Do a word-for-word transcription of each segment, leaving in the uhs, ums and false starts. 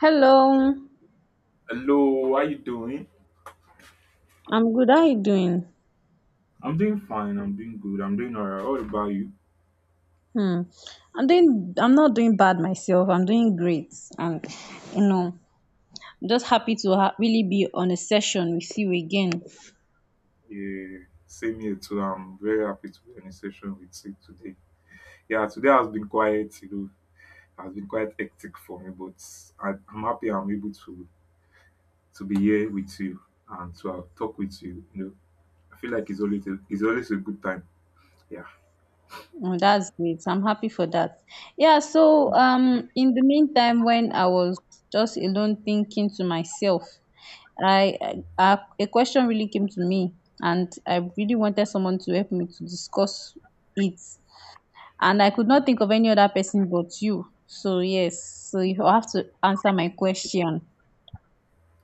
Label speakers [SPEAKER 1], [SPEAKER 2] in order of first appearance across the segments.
[SPEAKER 1] Hello,
[SPEAKER 2] Hello, how you doing?
[SPEAKER 1] I'm good. How you doing?
[SPEAKER 2] I'm doing fine. I'm doing good. I'm doing all right. What about you?
[SPEAKER 1] Hmm. I'm doing. I'm not doing bad myself. I'm doing great, and you know, I'm just happy to ha- really be on a session with you again.
[SPEAKER 2] Yeah, same here too. I'm very happy to be on a session with you today. Yeah, today has been quite, you know, has been quite hectic for me, but I, I'm happy I'm able to to be here with you and to uh, talk with you. You know, I feel like it's always a, it's always a good time. Yeah,
[SPEAKER 1] Oh, that's great. I'm happy for that. Yeah. So,
[SPEAKER 2] yeah,
[SPEAKER 1] um, in the meantime, when I was just alone thinking to myself, I, I a question really came to me, and I really wanted someone to help me to discuss it. And I could not think of any other person but you. So yes, so you have to answer my question.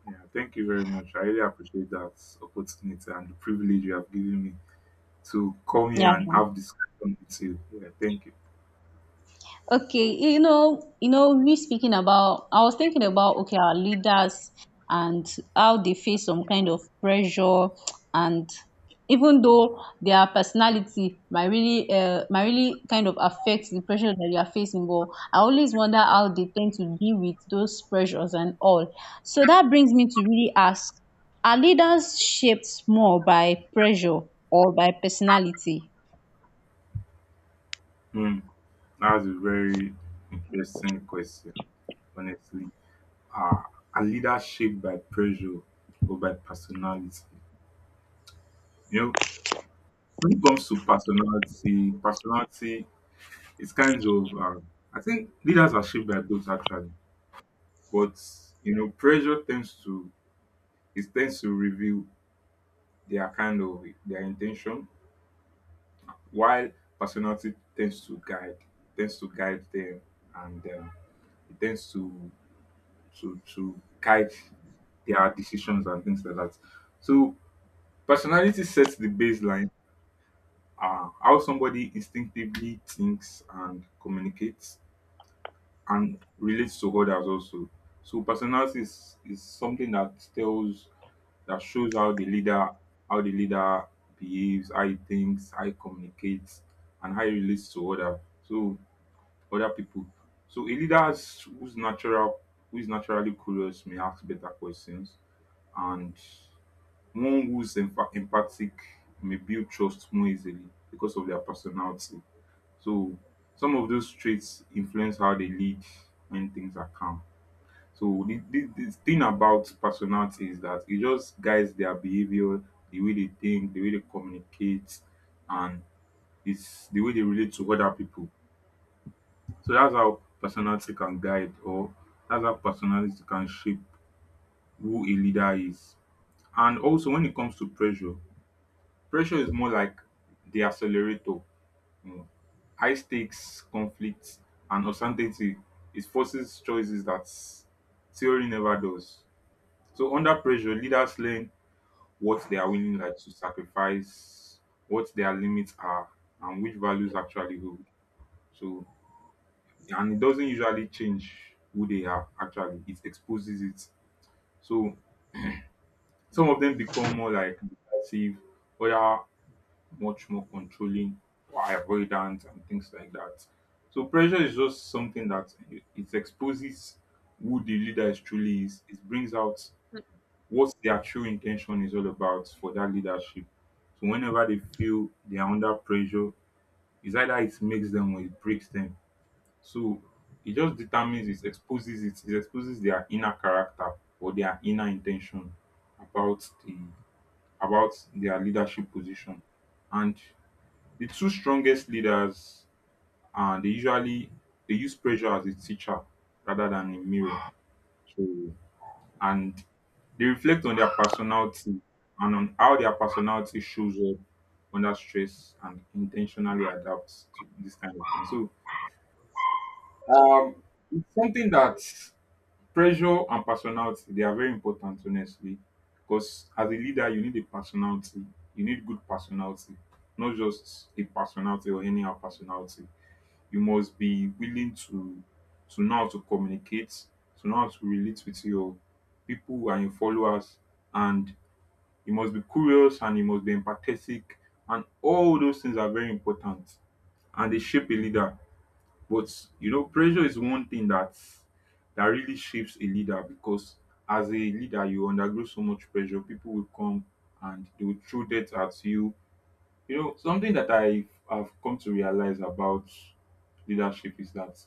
[SPEAKER 2] yeah. Thank you very much. I really appreciate that opportunity and the privilege you have given me to come here
[SPEAKER 1] Yeah.
[SPEAKER 2] and have this discussion with you. Yeah, thank you.
[SPEAKER 1] Okay, you know, you know, me speaking about, I was thinking about okay, our leaders and how they face some kind of pressure, and even though their personality might really, uh, might really kind of affect the pressure that you are facing, but I always wonder how they tend to deal with those pressures and all. So that brings me to really ask: Are leaders shaped more by pressure or by personality?
[SPEAKER 2] Hmm. That's a very interesting question, honestly. Are, are leaders shaped by pressure or by personality? You know, when it comes to personality, personality is kind of, um, I think leaders are shaped by both actually, but you know, pressure tends to it tends to reveal their kind of their intention, while personality tends to guide, tends to guide them, and um, it tends to to to guide their decisions and things like that. So personality sets the baseline, uh, how somebody instinctively thinks and communicates and relates to others also. So personality is, is something that tells that shows how the leader how the leader behaves, how he thinks, how he communicates, and how he relates to other so other people. So a leader has- who's natural who is naturally curious may ask better questions, and one who is empha- empathic may build trust more easily because of their personality. So some of those traits influence how they lead when things are calm. So the, the, the thing about personality is that it just guides their behavior, the way they think, the way they communicate, and it's the way they relate to other people. So that's how personality can guide, or that's how personality can shape who a leader is. And also, when it comes to pressure, pressure is more like the accelerator. you know. High stakes, conflicts, and uncertainty. It forces choices that s- theory never does. So under pressure, leaders learn what they are willing like to sacrifice, what their limits are, and which values actually hold. So and it doesn't usually change who they are actually. It exposes it. So some of them become more like decisive, other much more controlling or avoidant and things like that. So pressure is just something that it it exposes who the leader is truly is. It brings out what their true intention is all about for that leadership. So whenever they feel they are under pressure, it's either it makes them or it breaks them. So it just determines it exposes it, it exposes their inner character or their inner intention about the about their leadership position. And the two strongest leaders uh, they usually they use pressure as a teacher rather than a mirror. So and they reflect on their personality and on how their personality shows up under stress and intentionally adapts to this kind of thing. So um it's something that pressure and personality, they are very important, honestly. Because as a leader you need a personality. You need good personality, not just a personality or any other personality. You must be willing to to know how to communicate, to know how to relate with your people and your followers, and you must be curious and you must be empathetic, and all those things are very important and they shape a leader. But you know, pressure is one thing that that really shapes a leader, because as a leader you undergo so much pressure. People will come and they will throw that at you. You know, something that I have come to realize about leadership is that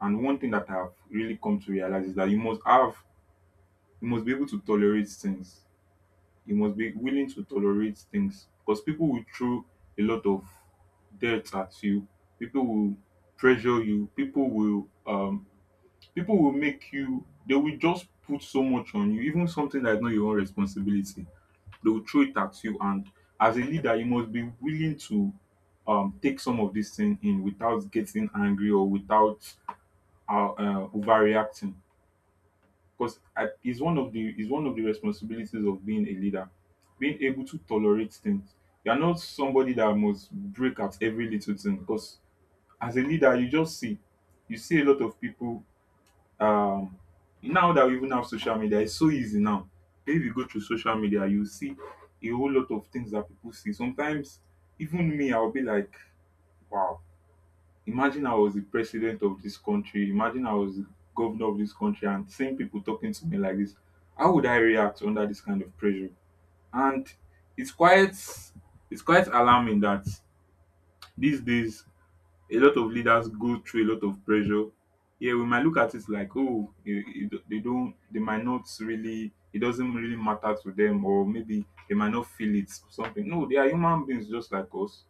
[SPEAKER 2] and one thing that I've really come to realize is that you must have, you must be able to tolerate things. You must be willing to tolerate things because people will throw a lot of dirt at you. People will pressure you. People will, um, people will make you. They will just put so much on you, even something that is not your own responsibility. They will throw it at you, and as a leader, you must be willing to um, take some of this thing in without getting angry or without uh, uh, overreacting, because it's one of the is one of the responsibilities of being a leader, being able to tolerate things. You're not somebody that must break at every little thing, because as a leader you just see you see a lot of people. um Now that we even have social media, it's so easy now. If you go through social media, you see a whole lot of things that people see sometimes. Even me, I'll be like, wow. Imagine I was the president of this country, imagine I was the governor of this country and seeing people talking to me like this. How would I react under this kind of pressure? And it's quite it's quite alarming that these days a lot of leaders go through a lot of pressure. Yeah, we might look at it like, oh, you- you- they don't, they might not really, it doesn't really matter to them, or maybe they might not feel it or something. No, they are human beings just like us.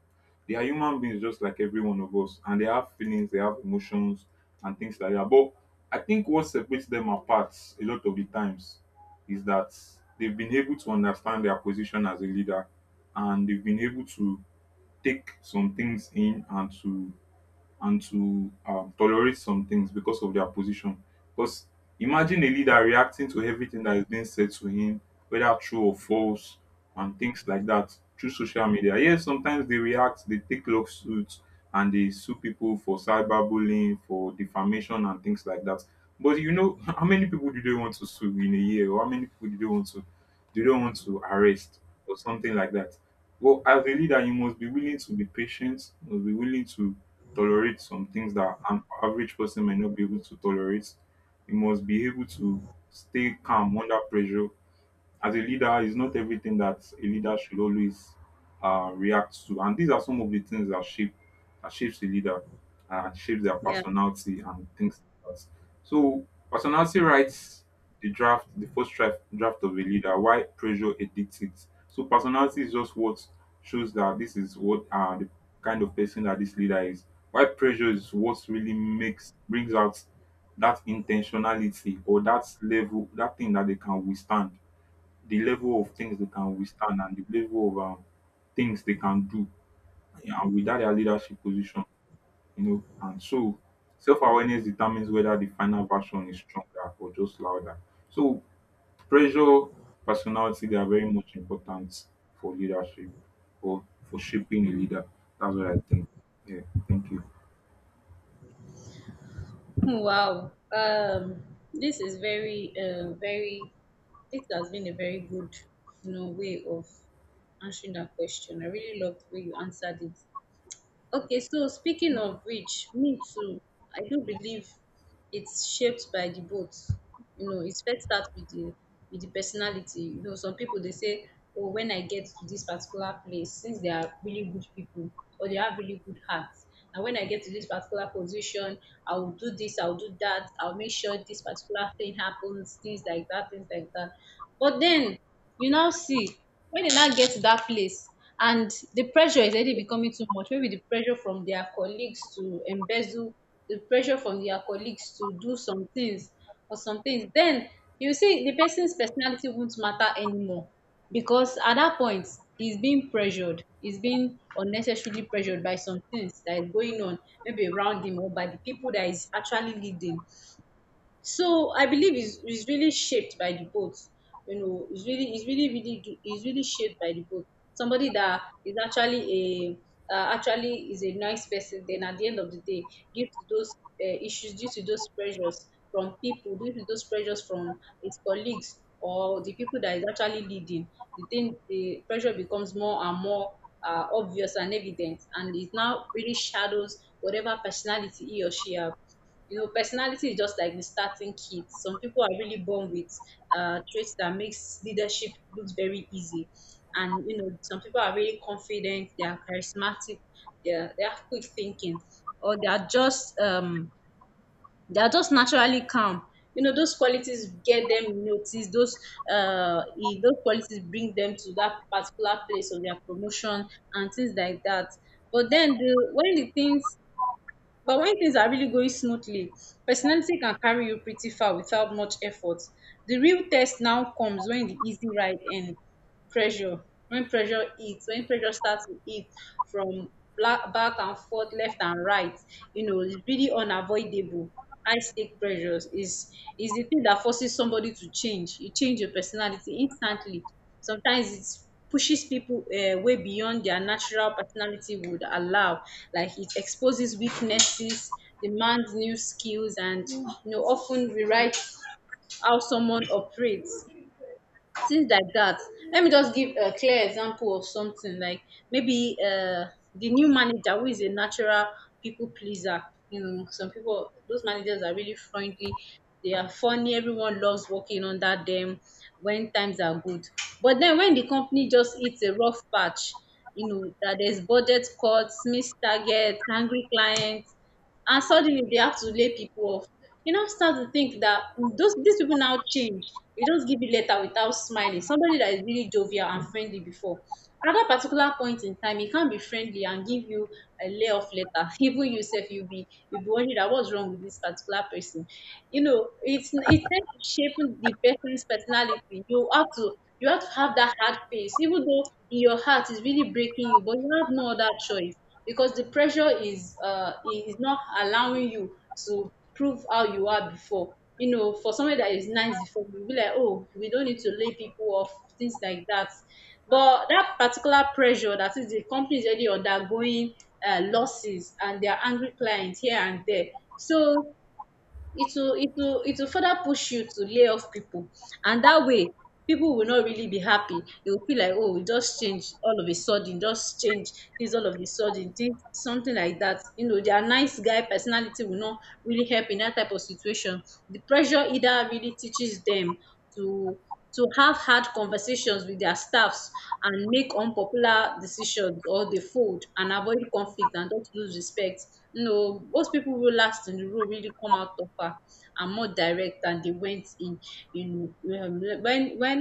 [SPEAKER 2] They are human beings just like every one of us, and they have feelings, they have emotions, and things like that. But I think what separates them apart a lot of the times is that they've been able to understand their position as a leader, and they've been able to take some things in and to and to um, tolerate some things because of their position. Because imagine a leader reacting to everything that is being said to him, whether true or false, and things like that through social media. Yes, sometimes they react, they take lawsuits, and they sue people for cyberbullying, for defamation, and things like that. But you know, how many people do they want to sue in a year, or how many people do they want to do they want to arrest, or something like that? Well, as a leader, you must be willing to be patient, you must be willing to tolerate some things that an average person may not be able to tolerate. You must be able to stay calm under pressure. As a leader, it's not everything that a leader should always uh, react to. And these are some of the things that shape that shapes a leader, uh, shapes their personality and things like that. So personality writes the draft, the first draft, draft of a leader, why pressure edicts it. So personality is just what shows that this is what uh, the kind of person that this leader is. Why pressure is what really makes brings out that intentionality or that level, that thing that they can withstand, the level of things they can withstand, and the level of um, things they can do, yeah, and without their leadership position, you know. And so self awareness determines whether the final version is stronger or just louder. So pressure, personality, they are very much important for leadership or for shaping a leader. That's what I think. Yeah, thank you.
[SPEAKER 1] Hmm. Wow. Um, this is very, uh, very, this has been a very good, you know, way of answering that question. I really love the way you answered it. Okay, so speaking of which, me too, I do believe it's shaped by the both. You know, it first start with the with the personality. You know, some people they say, oh, when I get to this particular place, since they are really good people or they have really good hearts. And when I get to this particular position, I will do this, I'll do that, I'll make sure this particular thing happens, things like that, things like that. But then you now see when they now get to that place and the pressure is already becoming too much, maybe the pressure from their colleagues to embezzle, the pressure from their colleagues to do some things or some things. Then you see the person's personality won't matter anymore because at that point he's being pressured, he's being unnecessarily pressured by some things that is going on maybe around him or by the people that is actually leading. So I believe it's, it's really shaped by the boat. You know, it's really it's really really do- it's really shaped by the boat. Somebody that is actually a uh, actually is a nice person. Then at the end of the day, due to those uh, issues, due to those pressures from people, due to those pressures from his colleagues or the people that is actually leading, the thing the pressure becomes more and more uh, obvious and evident, and it now really shadows whatever personality he or she have. You know, personality is just like the starting kit. Some people are really born with uh, traits that makes leadership looks very easy, and you know, some people are really confident. They are charismatic. They are, they have quick thinking, or they are just um, they are just naturally calm. You know, those qualities get them noticed. Those uh, eh, those qualities bring them to that particular place of their promotion and things like that. But then the when the things But when things are really going smoothly, personality can carry you pretty far without much effort. The real test now comes when the easy ride ends. Pressure. When pressure hits, when pressure starts to hit from black, back and forth, left and right, you know, it's really unavoidable. High stake pressures is is the thing that forces somebody to change. You change your personality instantly. Sometimes it pushes people uh, way beyond their natural personality would allow. Like it exposes weaknesses, demands new skills, and you know often rewrites how someone operates, things like that. Let me just give a clear example of something like maybe uh, the new manager who is a natural people pleaser. You know, some people, those managers are really friendly. They are funny. Everyone loves working under them when times are good. But then when the company just hits a rough patch, you know, that there's budget cuts, missed targets, angry clients, and suddenly they have to lay people off. You now start to think that mm, those these people now change. They don't give you letter without smiling. Somebody that is really jovial and friendly before. At that particular point in time, he can't be friendly and give you a layoff letter. Even yourself, you'll be you'll be wondering that what's wrong with this particular person. You know, it's it tends to shape the person's personality. You have to you have to have that hard face, even though in your heart is really breaking you, but you have no other choice because the pressure is uh i- is not allowing you to prove how you are before. You know, for somebody that is nice before, you'll be like, oh, we don't need to lay people off, things like that. But that particular pressure, that is the company is already undergoing uh, losses and they are angry clients here and there. So it will it will it will further push you to lay off people, and that way people will not really be happy. They will feel like, oh, we just change all of a sudden, just change this all of a sudden this, something like that. You know, their nice guy personality will not really help in that type of situation. The pressure either really teaches them to to have hard conversations wit dia staffs and make unpopular decisions or dey fold and avoid conflict and not lose respect. You know, most pipu wey last in the role really come out tougher and more direct than dey went in. In um when when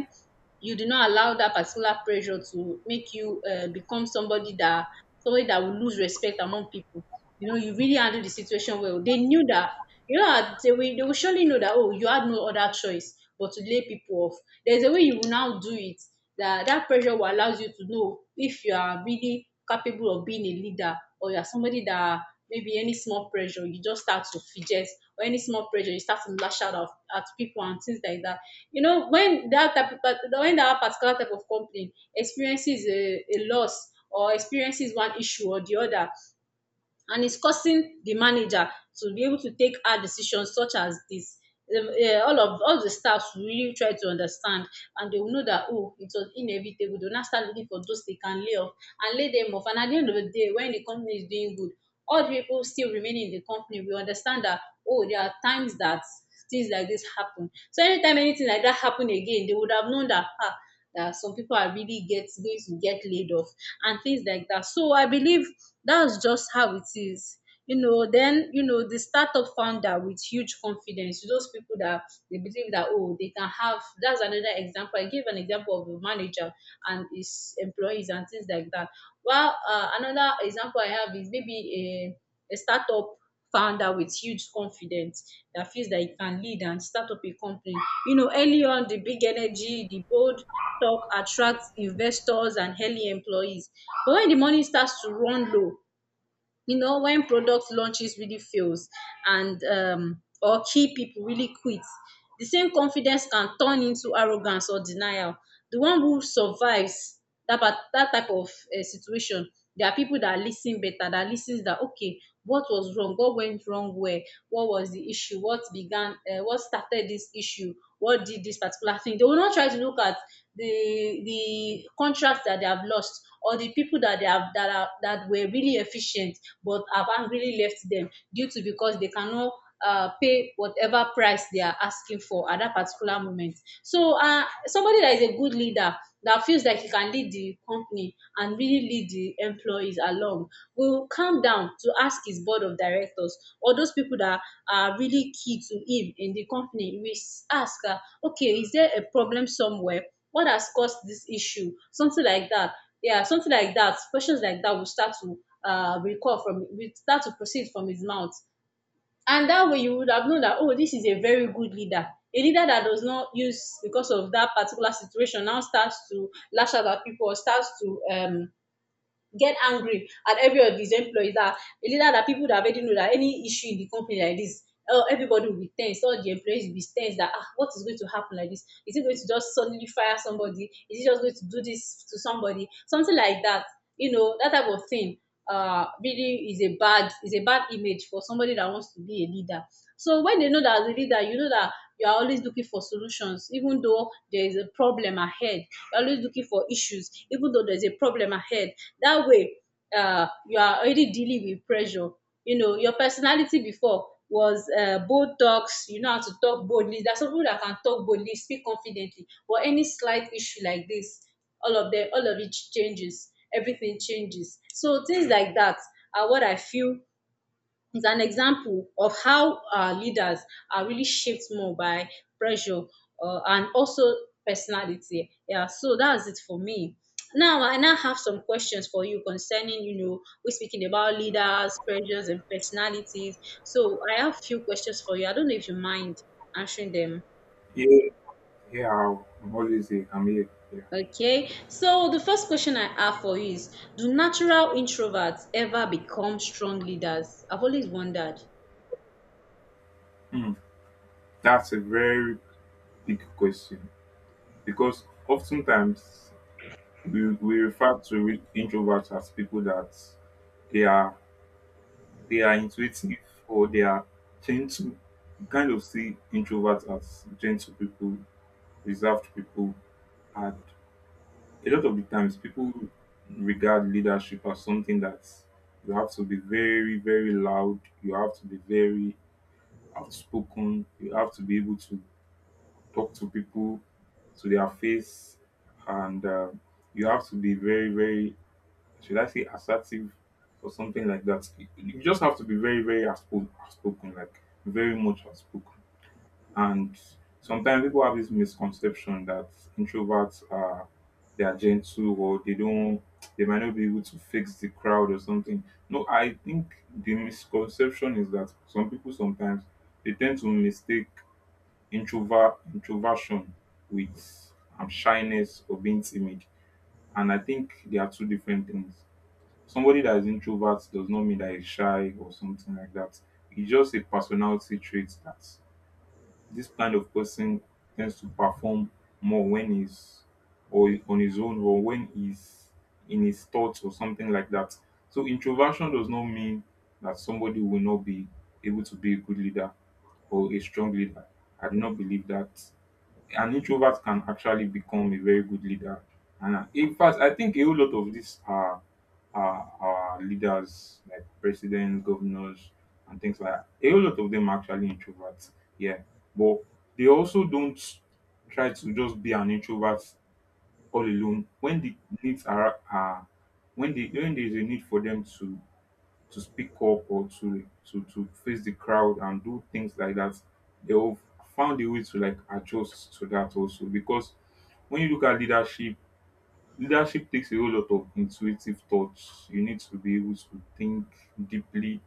[SPEAKER 1] you do not allow that particular pressure to make you uh, become somebody that, somebody that will lose respect among people. You know, you really handle the situation well. They knew that. You know, that they will, they will surely know that, oh, you had no other choice but to lay people off. There's a way you will now do it, that that pressure will allows you to know if you are really capable of being a leader or you're somebody that maybe any small pressure you just start to fidget, or any small pressure you start to lash out of, at people and things like that. You know, when that type of, but when that particular type of company experiences a, a loss or experiences one issue or the other and it's causing the manager to be able to take hard decisions such as this. Um, uh, all of all the staffs will really try to understand, and they will know that, oh, it was inevitable. They'll now start looking for those they can lay off and lay them off, and at the end of the day when the company is doing good, all the people still remaining in the company will understand that, oh, there are times that things like this happen. So anytime anything like that happen again, they would have known that, ah, that some people are really get going to get laid off and things like that. So I believe that's just how it is. You know, then you know the startup founder with huge confidence. Those people that they believe that, oh, they can have. That's another example. I gave an example of a manager and his employees and things like that. Well, uh, another example I have is maybe a a startup founder with huge confidence that feels that he can lead and start up a company. You know, early on, the big energy, the bold talk attracts investors and early employees. But when the money starts to run low, you know, when product launches really fails, and um, or key people really quit, the same confidence can turn into arrogance or denial. The one who survives that part, that type of uh, situation, there are people that listen better, that listens that okay, what was wrong, what went wrong where, what was the issue, what began, um what started this issue, what did this particular thing. They will not try to look at the the contract that they have lost or the people that they have that are that were really efficient but have angrily left them due to because they cannot uh, pay whatever price they are asking for at that particular moment. So uh, somebody that is a good leader that feels like he can lead the company and really lead the employees along will calm down to ask his board of directors or those people that are really key to him in the company. He will s- ask, uh, okay, is there a problem somewhere? What has caused this issue? Something like that. Yeah, something like that. Questions like that will start to uh, recall from, will start to proceed from his mouth. And that way you would have known that, oh, this is a very good leader. A leader that does not use because of that particular situation now starts to lash out at people or starts to um get angry at every of these employees that the leader that people that already know that any issue in the company like this, oh, everybody will be tense, all the employees will be tense that ah what is going to happen, like this, is it going to just suddenly fire somebody, is it just going to do this to somebody, something like that, you know that type of thing uh really is a bad, is a bad image for somebody that wants to be a leader. So when they know that as a leader, you know that you are always looking for solutions, even though there is a problem ahead, you're always looking for issues, even though there's a problem ahead. That way, uh, you are already dealing with pressure. You know, your personality before was uh, bold talks, you know how to talk boldly. There's some people that can talk boldly, speak confidently, but any slight issue like this, all of them, all of it changes. Everything changes. So things like that are what I feel it's an example of how our leaders are really shaped more by pressure, uh, and also personality. Yeah, so that's it for me. Now, I now have some questions for you concerning, you know, we're speaking about leaders, pressures, and personalities. So I have few questions for you. I don't know if you mind answering them.
[SPEAKER 2] Yeah, yeah, I'll- I'm always here. I'm here. Yeah.
[SPEAKER 1] Okay, so the first question I have for you is: do natural introverts ever become strong leaders? I've always wondered.
[SPEAKER 2] Hmm. That's a very big question, because oftentimes we, we refer to re- introverts as people that they are they are intuitive or they are gentle. You kind of see introverts as gentle people, reserved people, and a lot of the times people regard leadership as something that you have to be very, very loud, you have to be very outspoken, you have to be able to talk to people to their face, and uh, you have to be very, very, should I say, assertive or something like that. You just have to be very, very outspo- outspoken, like very much outspoken. And sometimes people have this misconception that introverts are they are gentle, or they don't they might not be able to fix the crowd or something. No, I think the misconception is that some people sometimes they tend to mistake introvert introversion with um, shyness or being timid. And I think they are two different things. Somebody that is introvert does not mean that he's shy or something like that. It's just a personality trait that this kind of person tends to perform more when he's or on his own, or when he's in his thoughts or something like that. So introversion does not mean that somebody will not be able to be a good leader or a strong leader. I do not believe that an introvert can actually become a very good leader. And uh, In fact, I think a whole lot of these are are, are leaders like presidents, governors, and things like that. A whole lot of them are actually introverts. Yeah, but they also don't try to just be an introvert all alone when the needs are are when the when there is a need for them to to speak up or to to to face the crowd and do things like that, they'll found a way to like adjust to that also because when you look at leadership, leadership takes a whole lot of intuitive thoughts. You need to be able to think deeply,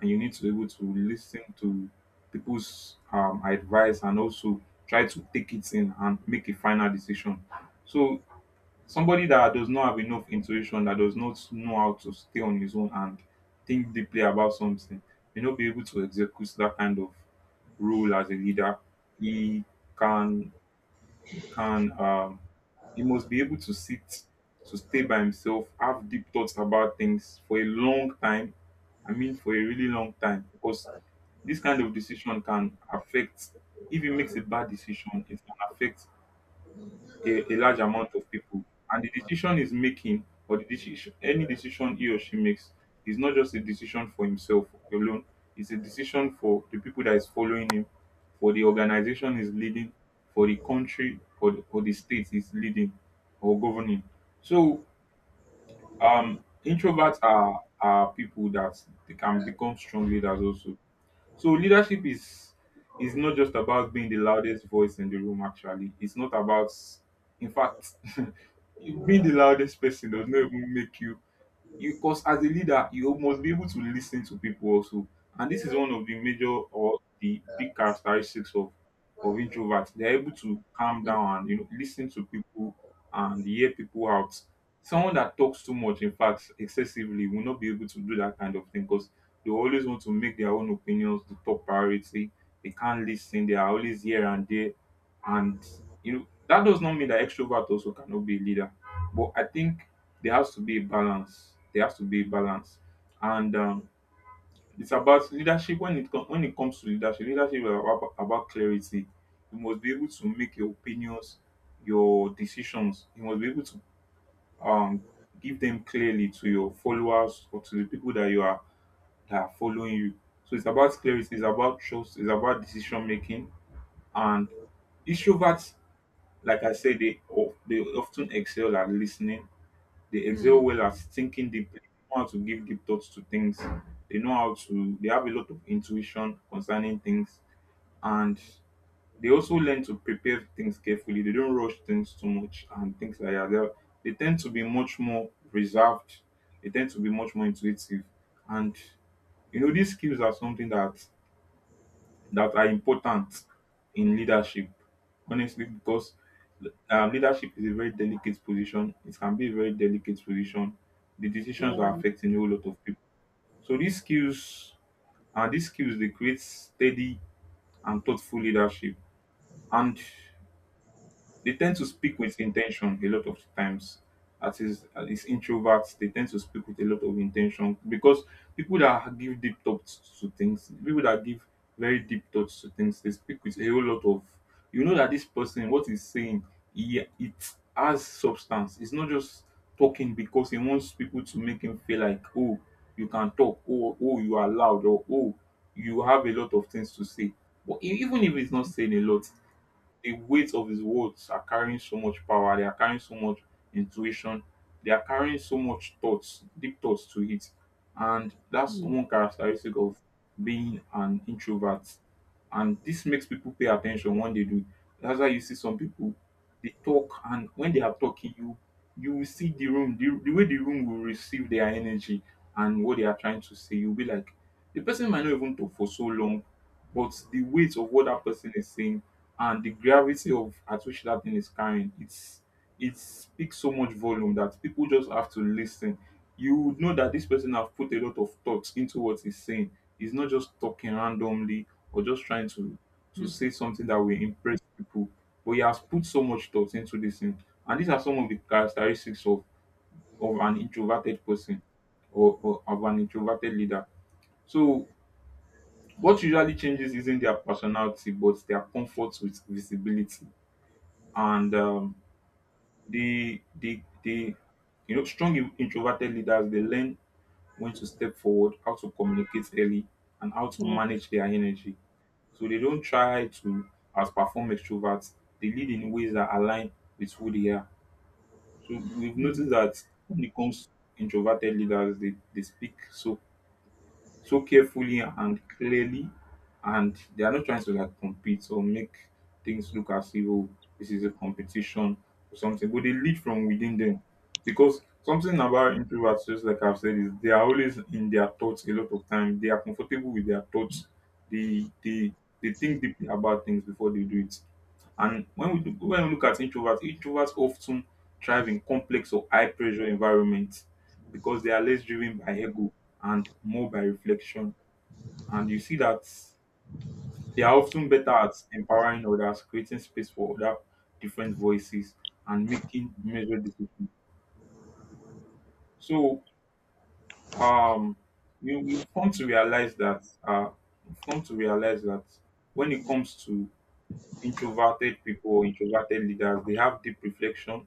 [SPEAKER 2] and you need to be able to listen to people's um, advice and also try to take it in and make a final decision. So somebody that does not have enough intuition, that does not know how to stay on his own and think deeply about something, may not be able to execute that kind of role as a leader. He can can um, he must be able to sit, to stay by himself, have deep thoughts about things for a long time. I mean, for a really long time, because this kind of decision can affect. If he makes a bad decision, it can affect a, a large amount of people. And the decision he's making, or the decision, any decision he or she makes, is not just a decision for himself alone. It's a decision for the people that is following him, for the organization he's leading, for the country for the, or the state he's leading or governing. So, um, introverts are are people that they can become strong leaders also. So leadership is is not just about being the loudest voice in the room actually. It's not about, in fact, being the loudest person does not even make you you because as a leader you must be able to listen to people also, and this is one of the major or the big characteristics of of introverts. They're able to calm
[SPEAKER 1] Hmm.
[SPEAKER 2] down and, you know, listen to people and hear people out. Someone that talks too much, in fact excessively, will not be able to do that kind of thing because they always want to make their own opinions the top priority. They can't listen, they are always here and there. And, you know, that does not mean that extrovert also cannot be a leader, but I think there has to be a balance. There has to be a balance, and um, it's about leadership. When it com- When it comes to leadership, leadership is about, about clarity. You must be able to make your opinions, your decisions. You must be able to um, give them clearly to your followers or to the people that you are that are following you. So it's about clarity. It's about trust. It's about decision making. And introverts, like I said, they of- they often excel at listening. They excel
[SPEAKER 1] Hmm.
[SPEAKER 2] well at thinking deeply. They know how to give deep thoughts to things. They know how to, they have a lot of intuition concerning things. And they also learn to prepare things carefully. They don't rush things too much and things like that. They're- They tend to be much more reserved. They tend to be much more intuitive. And, you know, these skills are something that that are important in leadership, honestly, because um, leadership is a very delicate position. It can be a very delicate position. The decisions are
[SPEAKER 1] Yeah.
[SPEAKER 2] affecting a whole lot of people. So these skills, and these skills, they create steady and thoughtful leadership. And they tend to speak with intention a lot of times. At least, at least introverts, they tend to speak with a lot of intention because people that give deep thoughts to things, people that give very deep thoughts to things, they speak with a whole lot of. You know that this person, what he's saying, he, it has substance. It's not just talking because he wants people to make him feel like, oh, you can talk, oh, oh, you are loud, or oh, you have a lot of things to say. But e- even if he's not saying a lot, the weight of his words are carrying so much power, they are carrying so much intuition, they are carrying so much thoughts, deep thoughts to it. And that's
[SPEAKER 1] Hmm.
[SPEAKER 2] one characteristic of being an introvert. And this makes people pay attention when they do. That's why you see some people they talk, and when they are talking you you will see the room, the, the way the room will receive their energy and what they are trying to say. You'll be like, the person might not even talk for so long, but the weight of what that person is saying and the gravity of at which that thing is carrying, it's it speaks so much volume that people just have to listen. You would know that this person have put a lot of thought into what he's saying. He's not just talking randomly or just trying to to
[SPEAKER 1] Hmm.
[SPEAKER 2] say something that will impress people, but he has put so much thought into this thing. And these are some of the characteristics of of an introverted person, or, or of an introverted leader. So what usually changes isn't their personality but their comfort with visibility. And um, the the the you know, strong in- introverted leaders, they learn when to step forward, how to communicate early, and how to
[SPEAKER 1] Mhm.
[SPEAKER 2] manage their energy. So they don't try to as perform extroverts. They lead in ways that align with who they are. So we've noticed that when it comes to introverted leaders, they, they speak so so carefully and clearly, and they are not trying to like compete or make things look as if, oh, this is a competition or something, but they lead from within them. Because something about introverts, just like I've said, is they are always in their thoughts a lot of time. They are comfortable with their thoughts. They they they think deeply about things before they do it. And when we do, when we look at introverts, introverts often thrive in complex or high pressure environments because they are less driven by ego and more by reflection. And you see that they are often better at empowering others, creating space for other different voices, and making measured decisions. So um, you you come to realize that uh, you've come to realize that when it comes to introverted people or introverted leaders, they have deep reflection.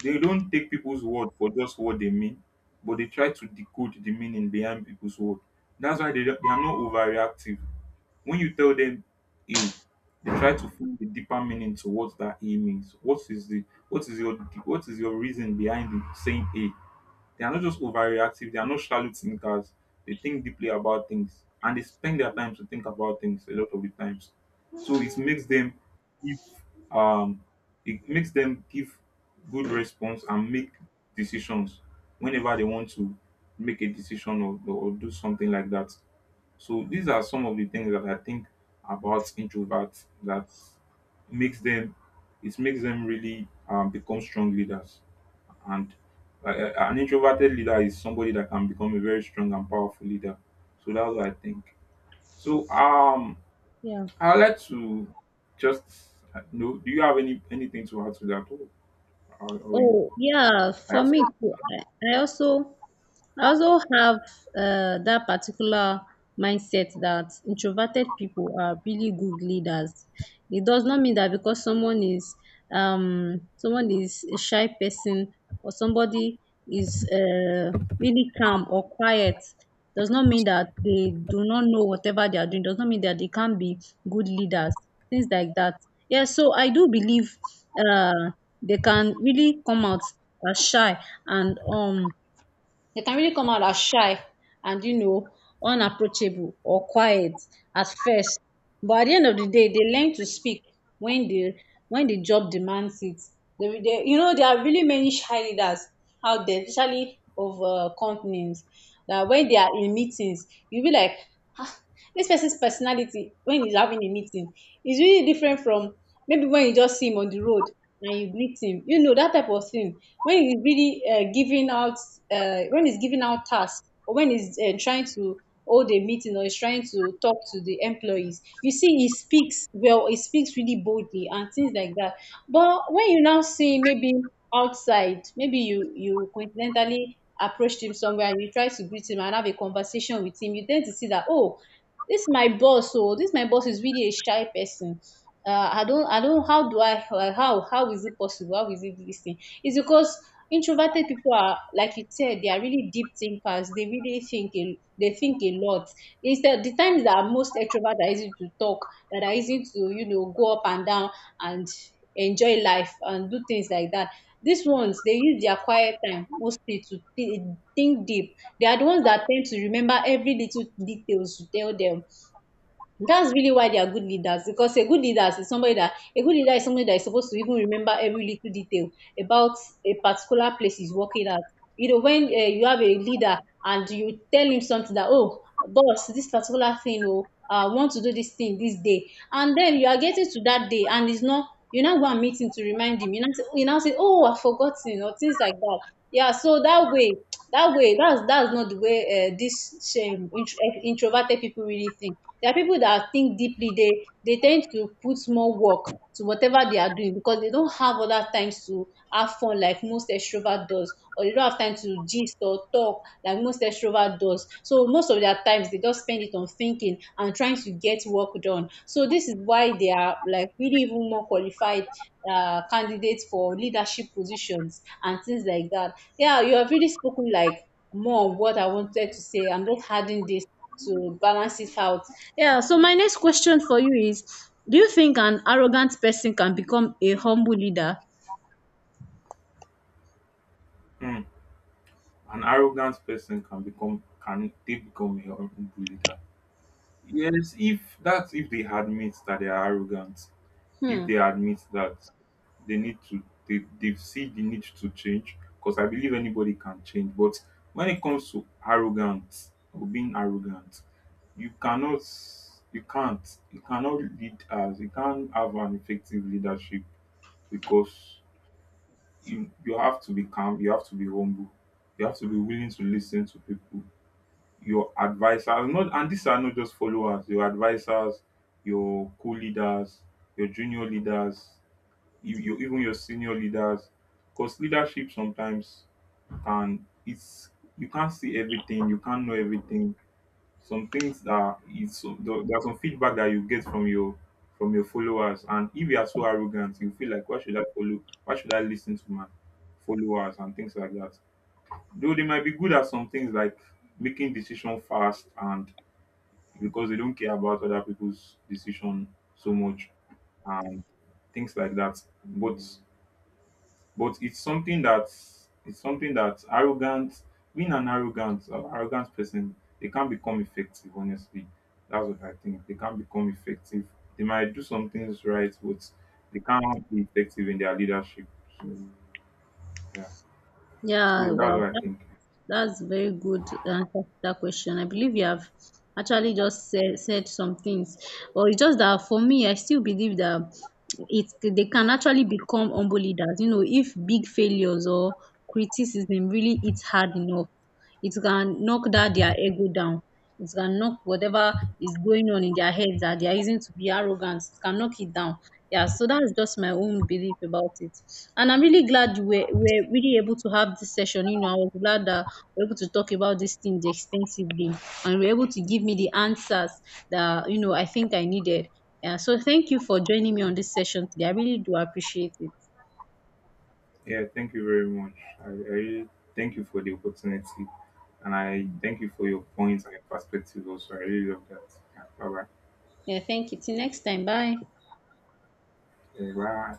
[SPEAKER 2] They don't take people's word for just what they mean, but they try to decode the meaning behind people's word. That's why they, don't- they are not overreactive. When you tell them A, they try to find the deeper meaning to what that A means. What is the what is your what is your reason behind the saying A? They are not just overreactive, they are not shallow thinkers. They think deeply about things and they spend their time to think about things a lot of the times. So it makes them give um it makes them give good response and make decisions whenever they want to make a decision or, or do something like that. So these are some of the things that I think about introverts that makes them, it makes them really um, become strong leaders. And uh, uh, an introverted leader is somebody that can become a very strong and powerful leader. So that's what I think. So um,
[SPEAKER 1] Yeah.
[SPEAKER 2] I'd like to just uh, know. Do you have any anything to add to that, or, or, or you?
[SPEAKER 1] Oh, yeah.
[SPEAKER 2] I
[SPEAKER 1] For
[SPEAKER 2] have. Some-
[SPEAKER 1] me, too, I, I also I also have uh, that particular mindset that introverted people are really good leaders. It does not mean that because someone is um someone is a shy person or somebody is uh, really calm or quiet does not mean that they do not know whatever they are doing. Does not mean that they can't be good leaders. Things like that. Yeah. So I do believe, uh, they can really come out as shy and um they can really come out as shy and, you know, unapproachable or quiet at first. But at the end of the day, they learn to speak when the when the job demands it. They, they, you know, there are really many shy leaders out there, especially of uh, companies. That when they are in meetings, you be like, "Ah, this person's personality when he's having a meeting is really different from maybe when you just see him on the road and you greet him. You know that type of thing. When he's really uh, giving out, uh, when he's giving out tasks, or when he's uh, trying to hold a meeting or he's trying to talk to the employees, you see he speaks well. He speaks really boldly and things like that. But when you now see maybe outside, maybe you you coincidentally approached him somewhere and you try to greet him and have a conversation with him, you tend to see that, oh, this my boss, oh, this my boss is really a shy person. Uh, I don't, I don't, how do I, uh, how, how is it possible? How is it this thing? It's because introverted people are, like you said, they are really deep thinkers. They really think, a, they think a lot. Instead, the times that most extroverts are easy to talk, that are easy to, you know, go up and down and enjoy life and do things like that. These ones, they use their quiet time mostly to thi- think deep. They are the ones that tend to remember every little details you tell them. That's really why they are good leaders because a good leader is somebody that a good leader is somebody that is supposed to even remember every little detail about a particular place he's working at. You know, when uh, you have a leader and you tell him something that, oh, boss, this particular thing, oh, I want to do this thing this day, and then you are getting to that day and it's not, you now go and meet him to remind him. You now say, you now say oh, I've forgotten or things like that. Yeah, so that way that way that's that's not the way uh, this shame intro- introverted people really think. There are people that think deeply. They they tend to put more work to whatever they are doing because they don't have other times to have fun like most extrovert does or they don't have time to gist or talk like most extrovert does. So most of their times they just spend it on thinking and trying to get work done. So this is why they are like really even more qualified uh, candidates for leadership positions and things like that. Yeah, you have really spoken like more of what I wanted to say. I'm just adding this to balance it out. Yeah. So my next question for you is: do you think an arrogant person can become a humble leader?
[SPEAKER 2] Hmm. An arrogant person can become, can they become a humble leader? Yes, if that's if they admit that they are arrogant, if
[SPEAKER 1] Hmm.
[SPEAKER 2] they admit that they need to, they, they see the need to change, because I believe anybody can change. But when it comes to arrogance or being arrogant, you cannot, you can't, you cannot lead as, you can't have an effective leadership because you, you have to be calm, you have to be humble, you have to be willing to listen to people, your advisers, not and these are not just followers, your advisers, your co-leaders, your junior leaders, you, you, even your senior leaders. Because leadership sometimes can it's you can't see everything, you can't know everything. Some things that it's there, there are some feedback that you get from your from your followers. And if you are so arrogant you feel like, why should I follow, why should I listen to my followers and things like that. Though they might be good at some things like making decision fast and because they don't care about other people's decision so much and things like that. But but it's something that it's something that arrogant, being an arrogant uh, arrogant person, they can't become effective. Honestly, that's what I think. They can't become effective. They might do some things right, but they can't be effective in their leadership. So yeah,
[SPEAKER 1] Yeah,
[SPEAKER 2] so that's what
[SPEAKER 1] well,
[SPEAKER 2] I
[SPEAKER 1] that,
[SPEAKER 2] think.
[SPEAKER 1] that's very good answer to that question. I believe you have actually just said, said some things. Well, it's just that for me, I still believe that it they can actually become humble leaders. You know, if big failures or criticism really hits hard enough, it can knock that their ego down. It can knock whatever is going on in their heads that they are using to be arrogant. It can knock it down. Yeah, so that's just my own belief about it. And I'm really glad we were, we really able to have this session. You know, I was glad that we were able to talk about these things extensively and we were able to give me the answers that, you know, I think I needed. Yeah, so thank you for joining me on this session today. I really do appreciate it.
[SPEAKER 2] Yeah, thank you very much. I, I really thank you for the opportunity, and I thank you for your points and your perspective also. I really love that. Yeah, bye bye.
[SPEAKER 1] Yeah, thank you. Till next time. Bye.
[SPEAKER 2] Yeah, bye.